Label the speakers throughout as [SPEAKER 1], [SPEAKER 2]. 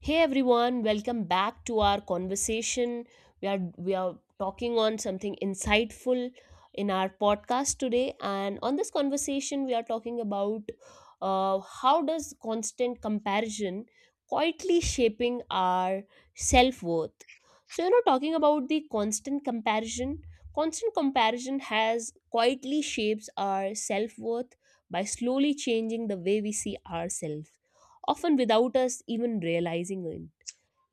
[SPEAKER 1] Hey everyone, welcome back to our conversation. We are talking on something insightful in our podcast today, and on this conversation we are talking about how does constant comparison quietly shaping our self-worth. So, you know, talking about the constant comparison has quietly shapes our self-worth by slowly changing the way we see ourselves, often without us even realizing it.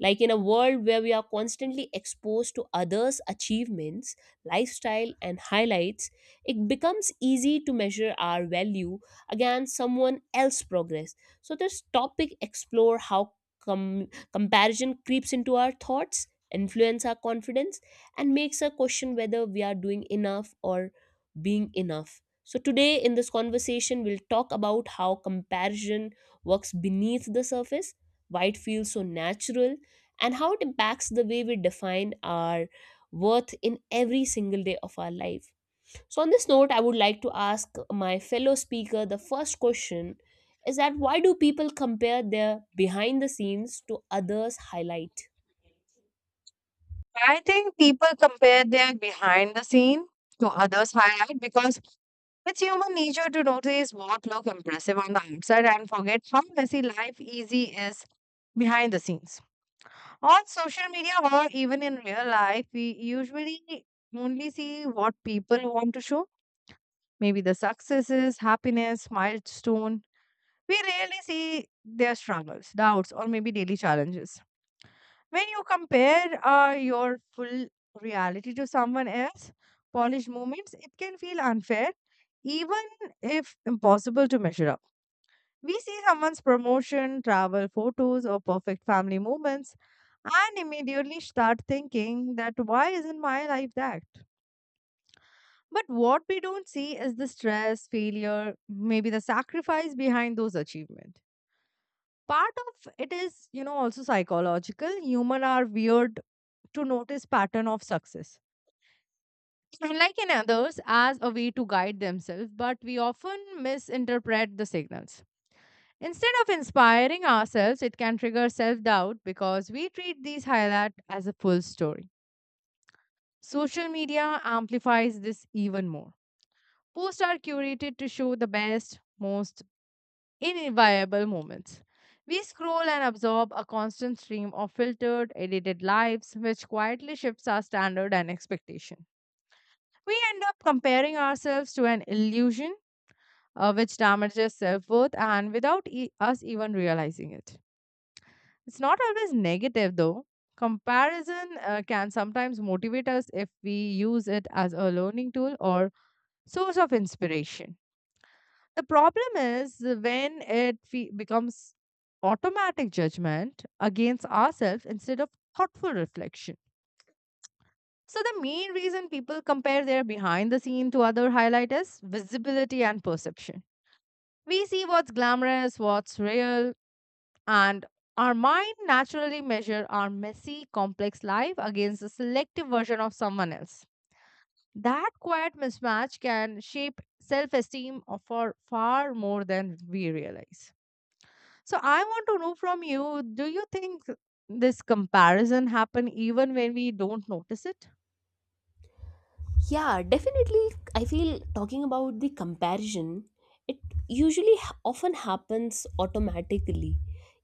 [SPEAKER 1] Like, in a world where we are constantly exposed to others' achievements, lifestyle, and highlights, it becomes easy to measure our value against someone else's progress. So this topic explore how com- comparison creeps into our thoughts, influence our confidence, and makes us question whether we are doing enough or being enough. So today in this conversation, we'll talk about how comparison works beneath the surface, why it feels so natural, and how it impacts the way we define our worth in every single day of our life. So, on this note, I would like to ask my fellow speaker the first question is that why do people compare their behind the scenes to others' highlight?
[SPEAKER 2] Where they're behind the scene to others' highlight because it's human nature to notice what look impressive on the outside and forget how messy life easy is behind the scenes. On social media or even in real life, we usually only see what people want to show. Maybe the successes, happiness, milestone. We rarely see their struggles, doubts, or maybe daily challenges. When you compare your full reality to someone else, polished moments, it can feel unfair, even if impossible to measure up. We see someone's promotion, travel photos, or perfect family moments, and immediately start thinking that why isn't my life that? But what we don't see is the stress, failure, maybe the sacrifice behind those achievements. Part of it is, you know, also psychological. Human are weird to notice pattern of success unlike in others as a way to guide themselves, but we often misinterpret the signals. Instead of inspiring ourselves, it can trigger self-doubt because we treat these highlights as a full story. Social media amplifies this even more. Posts are curated to show the best, most inviable moments. We scroll and absorb a constant stream of filtered, edited lives, which quietly shifts our standard and expectation. We end up comparing ourselves to an illusion, which damages self worth and without us even realizing it. It's not always negative though. Comparison can sometimes motivate us if we use it as a learning tool or source of inspiration. The problem is when it becomes automatic judgment against ourselves instead of thoughtful reflection. So, the main reason people compare their behind the scene to other highlight is visibility and perception. We see what's glamorous, what's real, and our mind naturally measure our messy, complex life against a selective version of someone else. That quiet mismatch can shape self-esteem for far more than we realize. So I want to know from you, do you think this comparison happen even when we don't notice it?
[SPEAKER 1] Yeah, definitely. I feel talking about the comparison, it usually often happens automatically,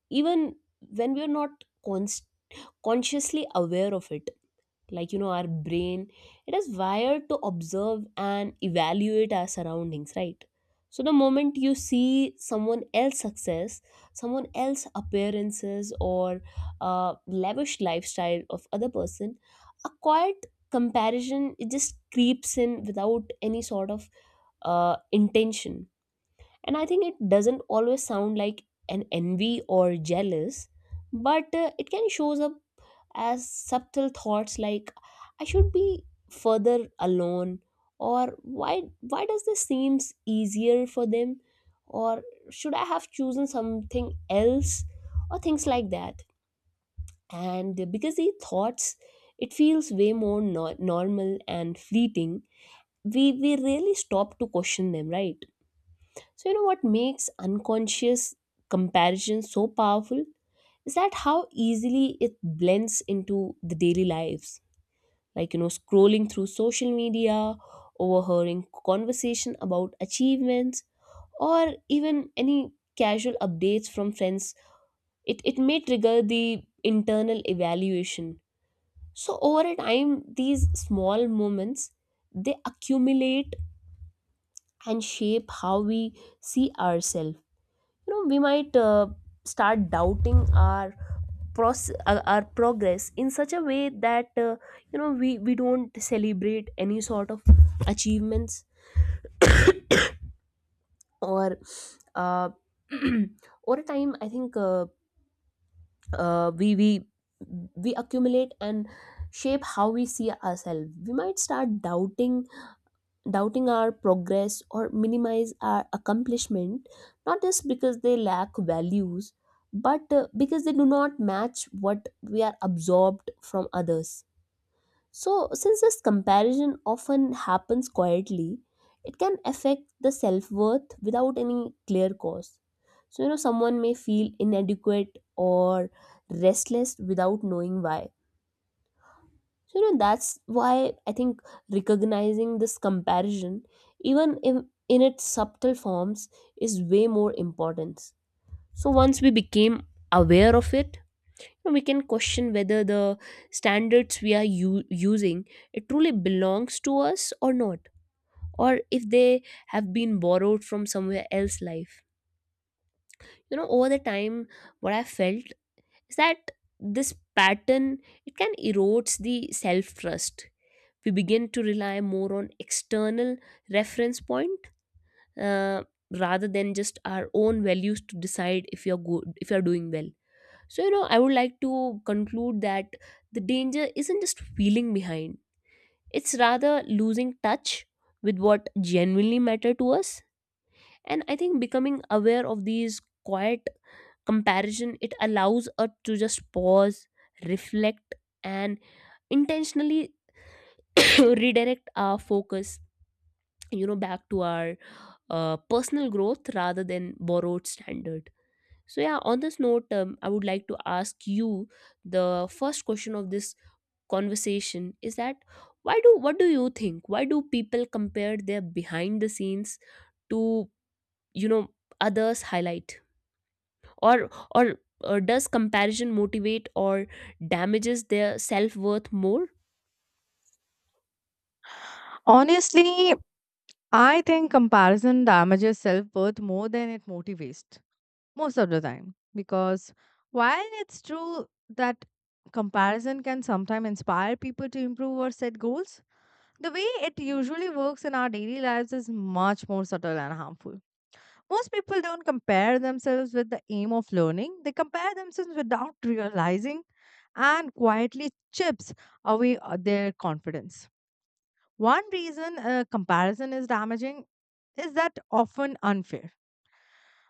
[SPEAKER 1] even when we're not const- consciously aware of it. Like, you know, our brain, it is wired to observe and evaluate our surroundings, right? So the moment you see someone else success, someone else appearances, or lavish lifestyle of other person, a quiet comparison, it just creeps in without any sort of intention. And I think it doesn't always sound like an envy or jealous, but it can shows up as subtle thoughts like I should be further alone, or why does this seems easier for them, or should I have chosen something else, or things like that. And because these thoughts, it feels way more normal and fleeting, we really stop to question them, right? So, you know, what makes unconscious comparison so powerful is that how easily it blends into the daily lives. Like, you know, scrolling through social media, overhearing conversation about achievements, or even any casual updates from friends, it may trigger the internal evaluation. So over a time, these small moments, they accumulate and shape how we see ourselves. You know, we might start doubting our process, our progress in such a way that you know, we don't celebrate any sort of achievements or uh, over time I think uh, we we we accumulate and shape how we see ourselves. We might start doubting, doubting our progress or minimize our accomplishment, not just because they lack values, but because they do not match what we are absorbed from others. So, since this comparison often happens quietly, it can affect the self worth without any clear cause. So, you know, someone may feel inadequate or restless without knowing why. So, you know, that's why I think recognizing this comparison, even in its subtle forms, is way more important. So, once we became aware of it, we can question whether the standards we are using, it truly belongs to us or not, or if they have been borrowed from somewhere else life. You know, over the time, what I felt is that this pattern, it can erodes the self trust. We begin to rely more on external reference point, uh, rather than just our own values to decide if you're good, if you're doing well. So, you know, I would like to conclude that the danger isn't just feeling behind, it's rather losing touch with what genuinely matter to us. And I think becoming aware of these quiet comparison, it allows us to just pause, reflect, and intentionally redirect our focus, you know, back to our personal growth rather than borrowed standard. So yeah, on this note, I would like to ask you the first question of this conversation is that why do what do you think why do people compare their behind the scenes to, you know, others highlight, or or, or does comparison motivate or damages their self-worth more?
[SPEAKER 2] Honestly, I think comparison damages self-worth more than it motivates, most of the time, because while it's true that comparison can sometimes inspire people to improve or set goals, the way it usually works in our daily lives is much more subtle and harmful. Most people don't compare themselves with the aim of learning. They compare themselves without realizing, and quietly chips away their confidence. One reason comparison is damaging is that often unfair.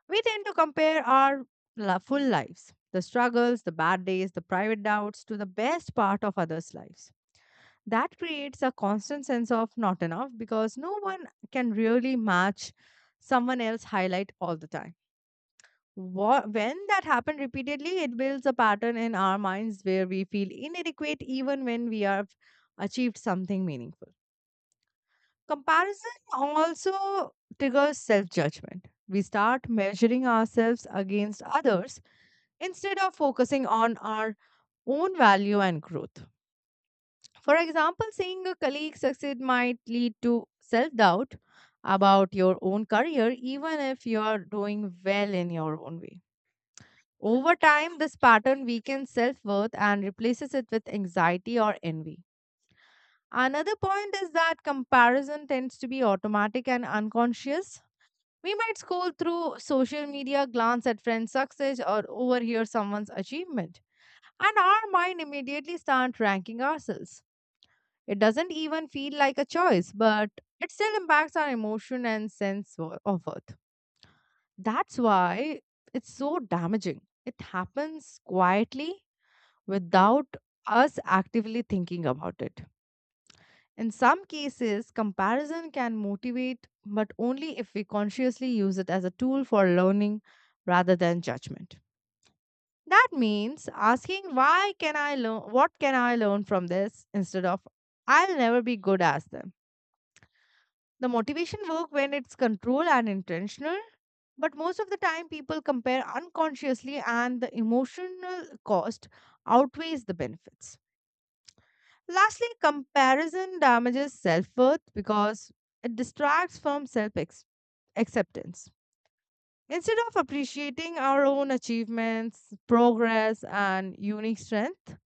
[SPEAKER 2] We tend to compare our full lives, the struggles, the bad days, the private doubts, to the best part of others' lives. That creates a constant sense of not enough because no one can really match someone else's highlight all the time. When that happens repeatedly, it builds a pattern in our minds where we feel inadequate even when we have achieved something meaningful. Comparison also triggers self judgment. We start measuring ourselves against others instead of focusing on our own value and growth. For example, seeing a colleague succeed might lead to self doubt about your own career, even if you are doing well in your own way. Over time, this pattern weakens self worth and replaces it with anxiety or envy. Another point is that comparison tends to be automatic and unconscious. We might scroll through social media, glance at friends' success, or overhear someone's achievement, and our mind immediately starts ranking ourselves. It doesn't even feel like a choice, but it still impacts our emotion and sense of worth. That's why it's so damaging. It happens quietly without us actively thinking about it. In some cases, comparison can motivate, but only if we consciously use it as a tool for learning rather than judgment. That means asking why can I learn, what can I learn from this, instead of I'll never be good as them. The motivation work when it's controlled and intentional, but most of the time people compare unconsciously and the emotional cost outweighs the benefits. Lastly, comparison damages self-worth because it distracts from self-acceptance. Instead of appreciating our own achievements, progress and unique strength,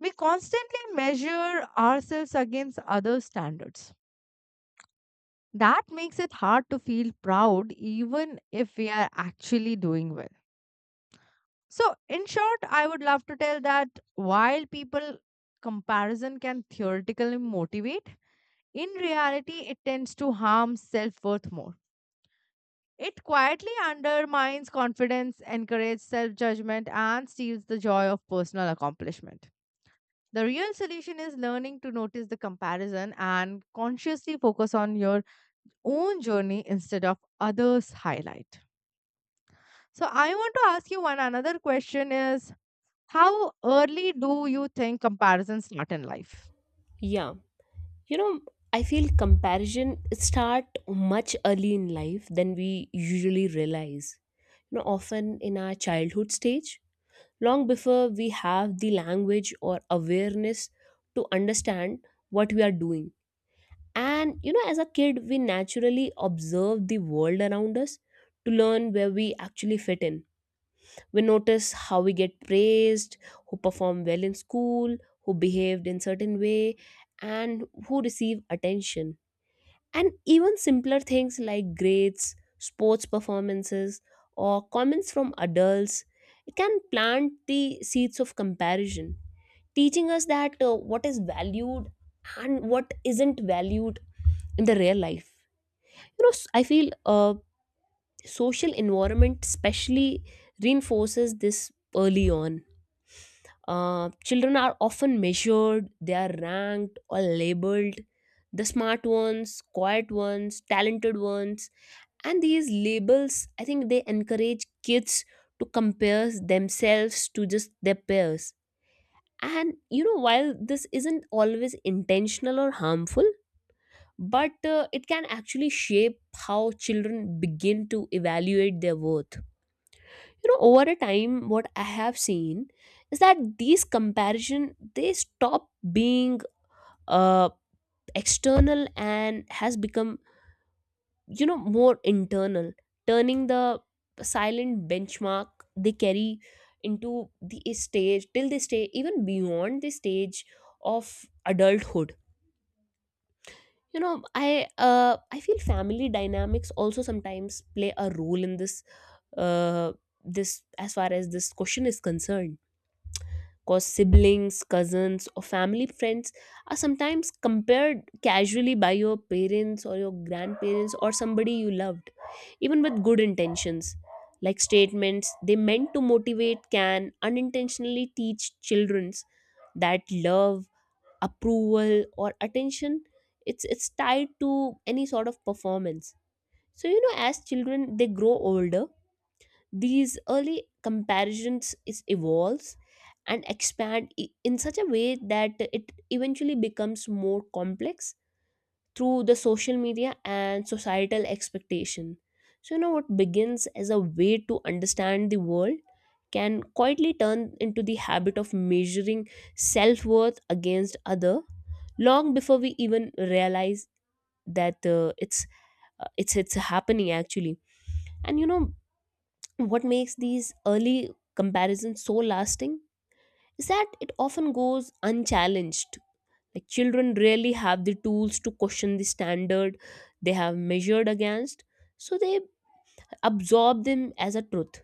[SPEAKER 2] we constantly measure ourselves against other standards. That makes it hard to feel proud even if we are actually doing well. So, in short, I would love to tell that while people comparison can theoretically motivate, in reality, it tends to harm self worth more. It quietly undermines confidence, encourages self judgment, and steals the joy of personal accomplishment. The real solution is learning to notice the comparison and consciously focus on your own journey instead of others' highlight. So I want to ask you one another question is how early do you think comparisons start in life?
[SPEAKER 1] Yeah, you know, I feel comparison start much early in life than we usually realize. You know, often in our childhood stage, long before we have the language or awareness to understand what we are doing. And you know, as a kid, we naturally observe the world around us to learn where we actually fit in. We notice how we get praised, who perform well in school, who behaved in certain way, and who receive attention. And even simpler things like grades, sports performances, or comments from adults, it can plant the seeds of comparison, teaching us that what is valued and what isn't valued in the real life. You know, I feel uh, social environment especially reinforces this early on. Children are often measured, they are ranked or labeled, the smart ones, quiet ones, talented ones. And these labels, I think they encourage kids to compare themselves to just their peers. And you know, while this isn't always intentional or harmful, but it can actually shape how children begin to evaluate their worth. You know, over a time, what I have seen is that these comparison, they stop being uh, external and has become, you know, more internal, turning the silent benchmark they carry into the stage till they stay even beyond the stage of adulthood. You know, i I feel family dynamics also sometimes play a role in this, uh, this as far as this question is concerned, because siblings, cousins, or family friends are sometimes compared casually by your parents or your grandparents or somebody you loved, even with good intentions. Like, statements they meant to motivate can unintentionally teach children's that love, approval, or attention, it's tied to any sort of performance. So, you know, as children they grow older, these early comparisons is evolves and expand in such a way that it eventually becomes more complex through the social media and societal expectation. So, you know, what begins as a way to understand the world can quietly turn into the habit of measuring self worth against other, long before we even realize that it's happening actually. And you know, what makes these early comparisons so lasting is that it often goes unchallenged. Like, children rarely have the tools to question the standard they have measured against, so they absorb them as a truth.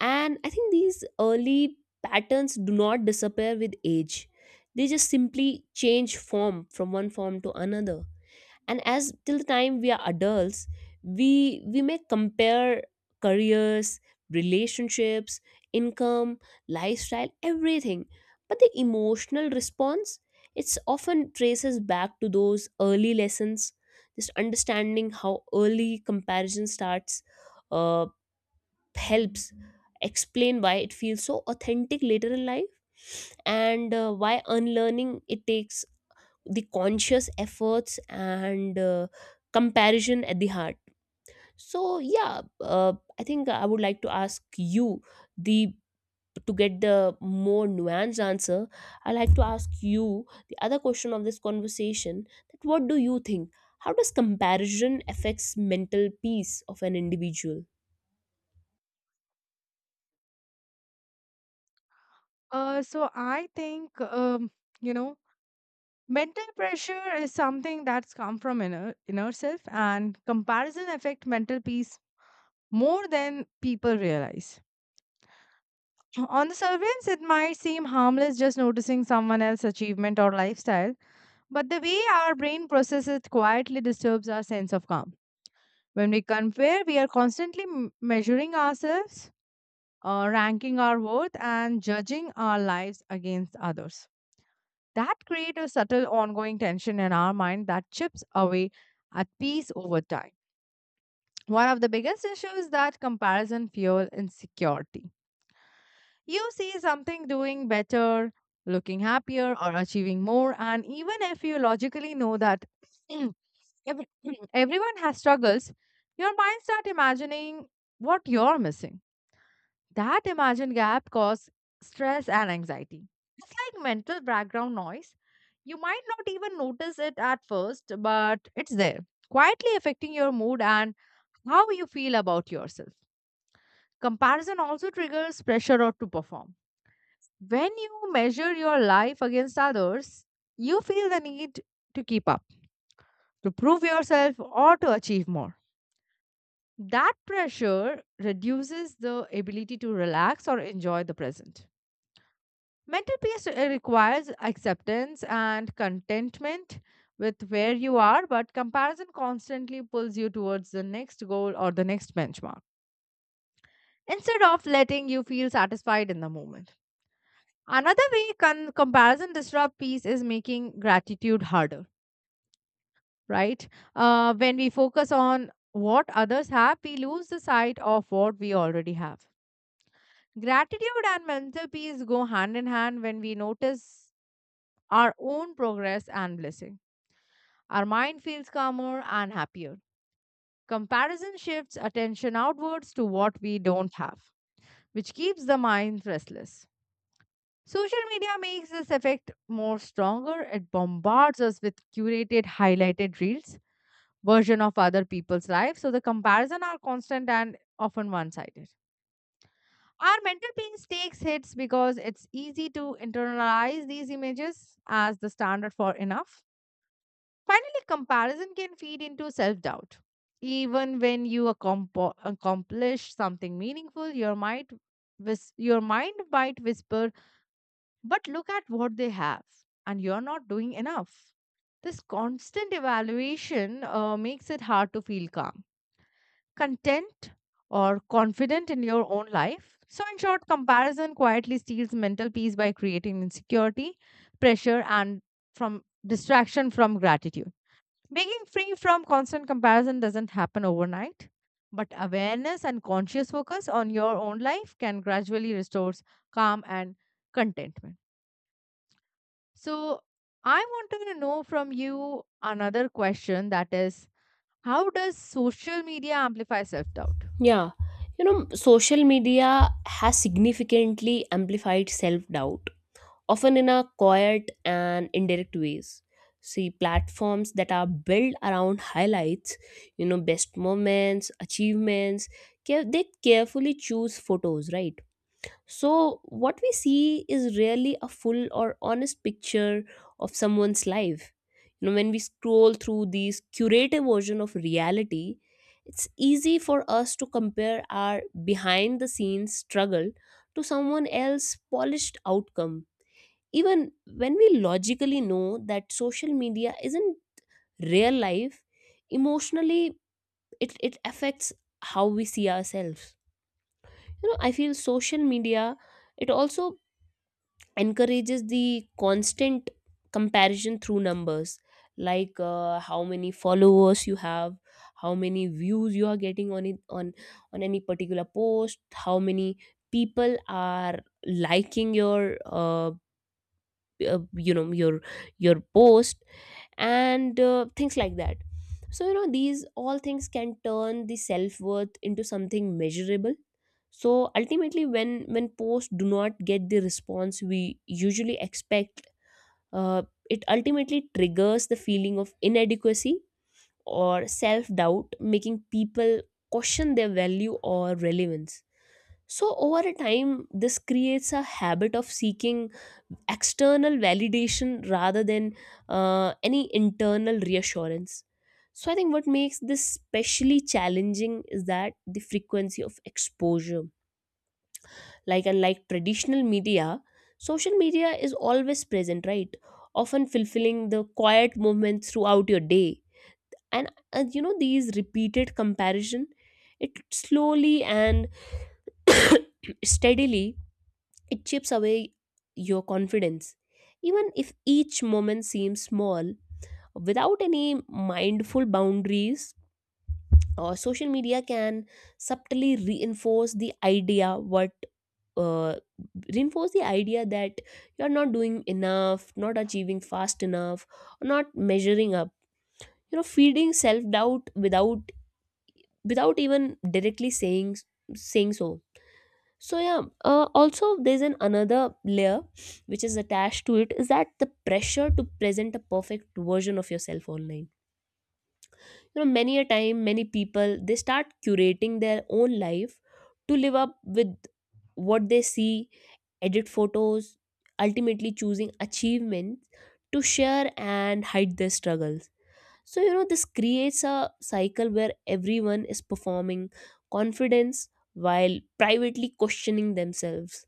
[SPEAKER 1] And I think these early patterns do not disappear with age, they just simply change form from one form to another. And as till the time we are adults, we may compare careers, relationships, income, lifestyle, everything, but the emotional response, it's often traces back to those early lessons. Just understanding how early comparison starts uh, helps explain why it feels so authentic later in life, and why unlearning it takes the conscious efforts and comparison at the heart. So yeah, I think I would like to ask you the to get the more nuanced answer, I like to ask you the other question of this conversation, that what do you think, how does comparison affects mental peace of an individual?
[SPEAKER 2] So I think you know, mental pressure is something that's come from inner self, and comparison affect mental peace more than people realize. On the surveillance, it might seem harmless just noticing someone else's achievement or lifestyle, but the way our brain processes it quietly disturbs our sense of calm. When we compare, we are constantly measuring ourselves, ranking our worth, and judging our lives against others. That creates a subtle ongoing tension in our mind that chips away at peace over time. One of the biggest issues is that comparison fuels insecurity. You see something doing better, looking happier, or achieving more, and even if you logically know that every- everyone has struggles, your mind starts imagining what you're missing. That imagined gap causes stress and anxiety. It's like mental background noise. You might not even notice it at first, but it's there, quietly affecting your mood and how you feel about yourself. Comparison also triggers pressure or to perform. When you measure your life against others, you feel the need to keep up, to prove yourself, or to achieve more. That pressure reduces the ability to relax or enjoy the present. Mental peace requires acceptance and contentment with where you are, but comparison constantly pulls you towards the next goal or the next benchmark instead of letting you feel satisfied in the moment. Another way comparison disrupt peace is making gratitude harder, right? When we focus on what others have, we lose the sight of what we already have. Gratitude and mental peace go hand in hand. When we notice our own progress and blessing, our mind feels calmer and happier. Comparison shifts attention outwards to what we don't have, which keeps the mind restless. Social media makes this effect more stronger. It bombards us with curated, highlighted reels version of other people's life. So the comparison are constant and often one-sided. Our mental peace takes hits because it's easy to internalize these images as the standard for enough. Finally, comparison can feed into self-doubt. Even when you accomplish something meaningful, your mind, your mind might whisper, "But look at what they have, and you're not doing enough." This constant evaluation makes it hard to feel calm, content, or confident in your own life. So, in short, comparison quietly steals mental peace by creating insecurity, pressure, and from distraction from gratitude. Being free from constant comparison doesn't happen overnight, but awareness and conscious focus on your own life can gradually restore calm and contentment. So, I wanted to know from you another question, that is, how does social media amplify self doubt?
[SPEAKER 1] Yeah, you know, social media has significantly amplified self doubt, often in a quiet and indirect ways. See, platforms that are built around highlights, you know, best moments, achievements, they carefully choose photos, right? So what we see is rarely a full or honest picture of someone's life. You know, when we scroll through these curated version of reality, it's easy for us to compare our behind the scenes struggle to someone else's polished outcome. Even when we logically know that social media isn't real life, emotionally it affects how we see ourselves. You know, I feel social media, it also encourages the constant comparison through numbers, like how many followers you have, how many views you are getting on it on any particular post, how many people are liking your you know your post, and things like that. So, you know, these all things can turn the self-worth into something measurable. So ultimately, when posts do not get the response we usually expect, uh, it ultimately triggers the feeling of inadequacy or self-doubt, making people question their value or relevance. So, over a time, this creates a habit of seeking external validation rather than any internal reassurance. So, I think what makes this especially challenging is that the frequency of exposure. Like, unlike traditional media, social media is always present, right? Often fulfilling the quiet moments throughout your day. And you know, these repeated comparison, it slowly and steadily, it chips away your confidence. Even if each moment seems small, without any mindful boundaries, social media can subtly reinforce the idea uh, that you're not doing enough, not achieving fast enough, not measuring up. You know, feeding self doubt without even directly saying so. Yeah, also there's an another layer which is attached to it is that the pressure to present a perfect version of yourself online. You know, many a time many people they start curating their own life to live up with what they see, edit photos, ultimately choosing achievements to share and hide their struggles. So, you know, this creates a cycle where everyone is performing confidence while privately questioning themselves.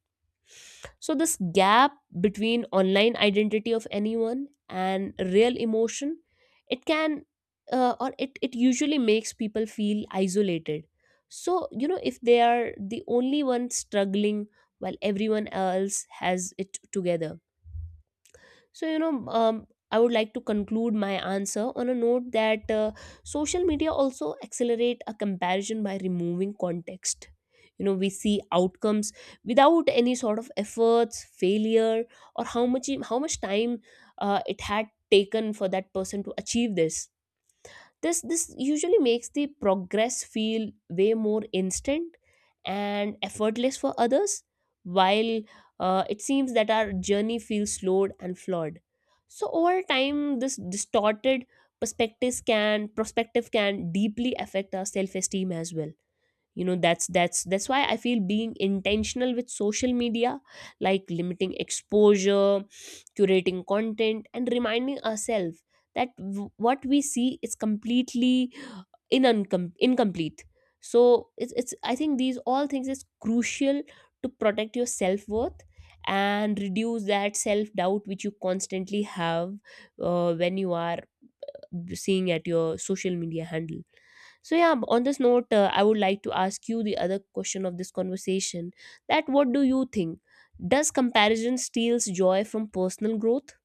[SPEAKER 1] So, this gap between online identity of anyone and real emotion, it it usually makes people feel isolated. So, you know, if they are the only one struggling while everyone else has it together. So, you know, I would like to conclude my answer on a note that social media also accelerate a comparison by removing context. You know, we see outcomes without any sort of efforts, failure, or how much time it had taken for that person to achieve this. This usually makes the progress feel way more instant and effortless for others, while it seems that our journey feels slowed and flawed. So over time this distorted perspectives can perspective can deeply affect our self-esteem as well. You know, that's why I feel being intentional with social media, like limiting exposure, curating content, and reminding ourselves that what we see is incomplete. So it's, I think these all things is crucial to protect your self-worth and reduce that self-doubt which you constantly have, when you are seeing at your social media handle. So yeah, on this note, I would like to ask you the other question of this conversation. That what do you think? Does comparison steals joy from personal growth?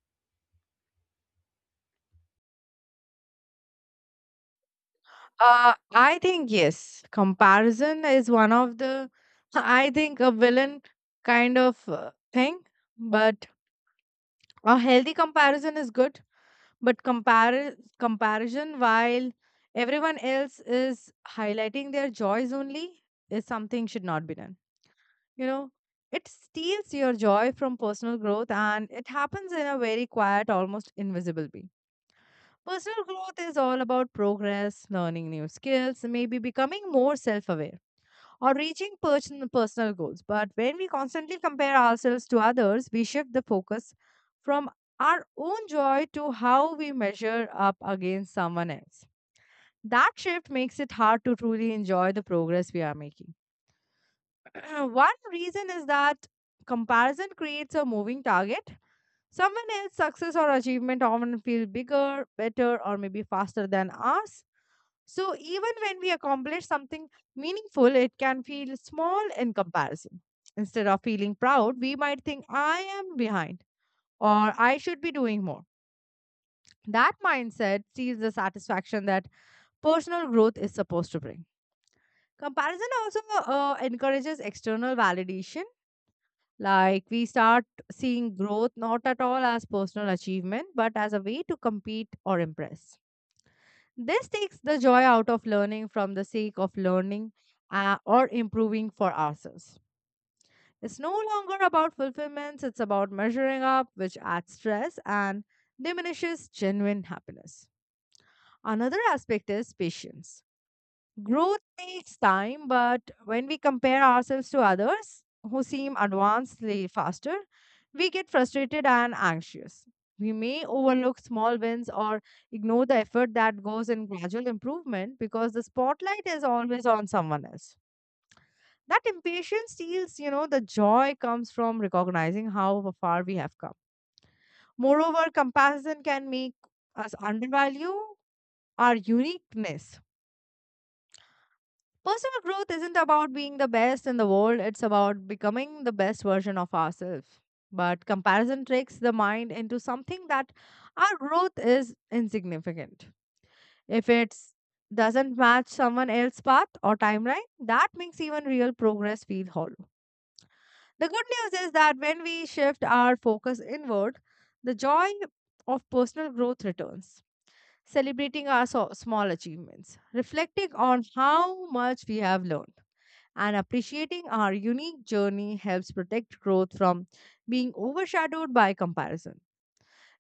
[SPEAKER 2] I think yes. Comparison is one of the, I think, a villain kind of thing. But a healthy comparison is good. But comparison while everyone else is highlighting their joys only is something should not be done. You know, it steals your joy from personal growth and it happens in a very quiet, almost invisible way. Personal growth is all about progress, learning new skills, maybe becoming more self aware or reaching personal goals. But when we constantly compare ourselves to others, we shift the focus from our own joy to how we measure up against someone else. That shift makes it hard to truly enjoy the progress we are making. One reason is that comparison creates a moving target. Someone else's success or achievement often feel bigger, better, or maybe faster than ours, so even when we accomplish something meaningful, it can feel small in comparison. Instead of feeling proud, we might think, I am behind or I should be doing more. That mindset sees the satisfaction that personal growth is supposed to bring. Comparison also encourages external validation. Like we start seeing growth not at all as personal achievement, but as a way to compete or impress. This takes the joy out of learning from the sake of learning or improving for ourselves. It's no longer about fulfillments, it's about measuring up, which adds stress and diminishes genuine happiness. Another aspect is patience. Growth takes time, but when we compare ourselves to others who seem advanced faster, we get frustrated and anxious. We may overlook small wins or ignore the effort that goes in gradual improvement because the spotlight is always on someone else. That impatience steals, you know, the joy comes from recognizing how far we have come. Moreover, comparison can make us undervalue our uniqueness. Personal growth isn't about being the best in the world, it's about becoming the best version of ourselves. But comparison tricks the mind into something that our growth is insignificant. If it doesn't match someone else's path or timeline, that makes even real progress feel hollow. The good news is that when we shift our focus inward, the joy of personal growth returns. Celebrating our small achievements, reflecting on how much we have learned and appreciating our unique journey helps protect growth from being overshadowed by comparison.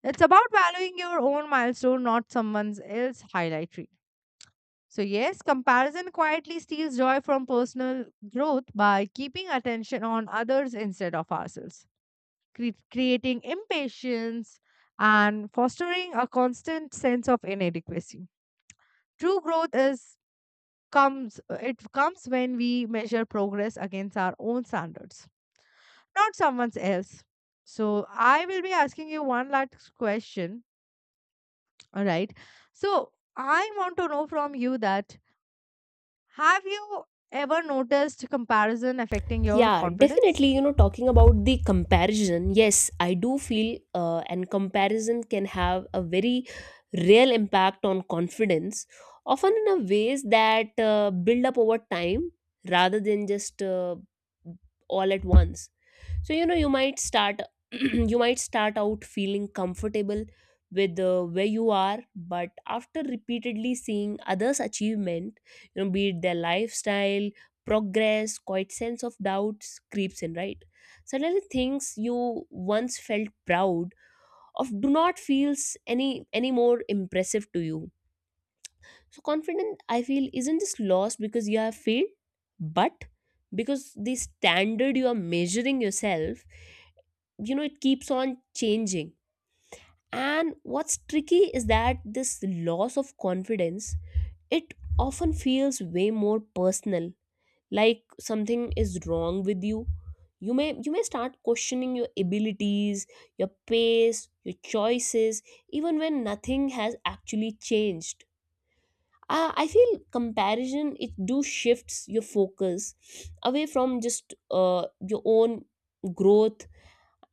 [SPEAKER 2] It's about valuing your own milestone, not someone else's highlight reel. So, yes, comparison quietly steals joy from personal growth by keeping attention on others instead of ourselves, creating impatience and fostering a constant sense of inadequacy. True growth is comes, it comes when we measure progress against our own standards, not someone else. So I will be asking you one last question. All right. So I want to know from you that have you ever noticed comparison affecting your
[SPEAKER 1] Yeah,
[SPEAKER 2] confidence?
[SPEAKER 1] definitely. You know, talking about the comparison, yes, I do feel, and comparison can have a very real impact on confidence, often in a ways that build up over time rather than just all at once. So you know, you might start you might start out feeling comfortable with where you are, but after repeatedly seeing others achievement, you know, be it their lifestyle, progress, quite sense of doubts creeps in, right? Suddenly things you once felt proud of do not feels any more impressive to you. So confidence I feel isn't just lost because you have failed, but because the standard you are measuring yourself, you know, it keeps on changing. And what's tricky is that this loss of confidence, it often feels way more personal, like something is wrong with you. You may start questioning your abilities, your pace, your choices, even when nothing has actually changed. I feel comparison, it do shifts your focus away from just your own growth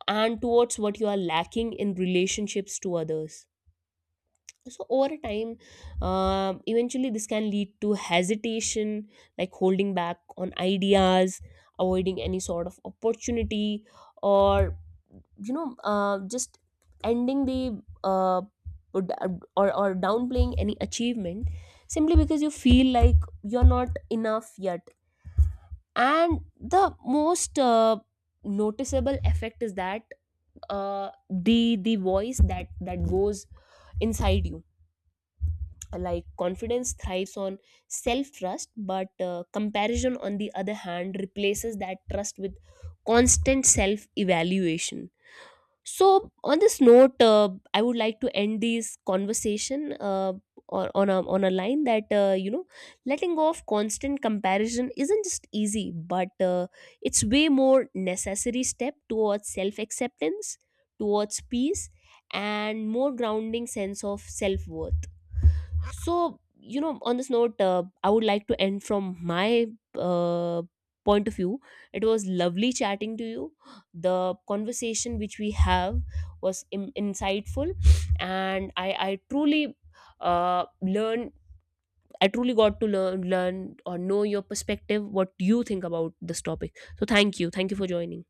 [SPEAKER 1] and towards what you are lacking in relationships to others. So over time, eventually this can lead to hesitation, like holding back on ideas, avoiding any sort of opportunity, or just ending the uh, or, or downplaying any achievement simply because you feel like you're not enough yet. And the most noticeable effect is that, uh, the voice that goes inside you. Like confidence thrives on self trust, but comparison on the other hand replaces that trust with constant self evaluation. So, on this note, I would like to end this conversation or on a line that you know, letting go of constant comparison isn't just easy, but it's way more necessary step towards self acceptance, towards peace, and more grounding sense of self worth. So you know, on this note, I would like to end from my uh, point of view. It was lovely chatting to you. The conversation which we have was insightful, and I truly learn, I truly got to learn or know your perspective, what you think about this topic. So thank you for joining.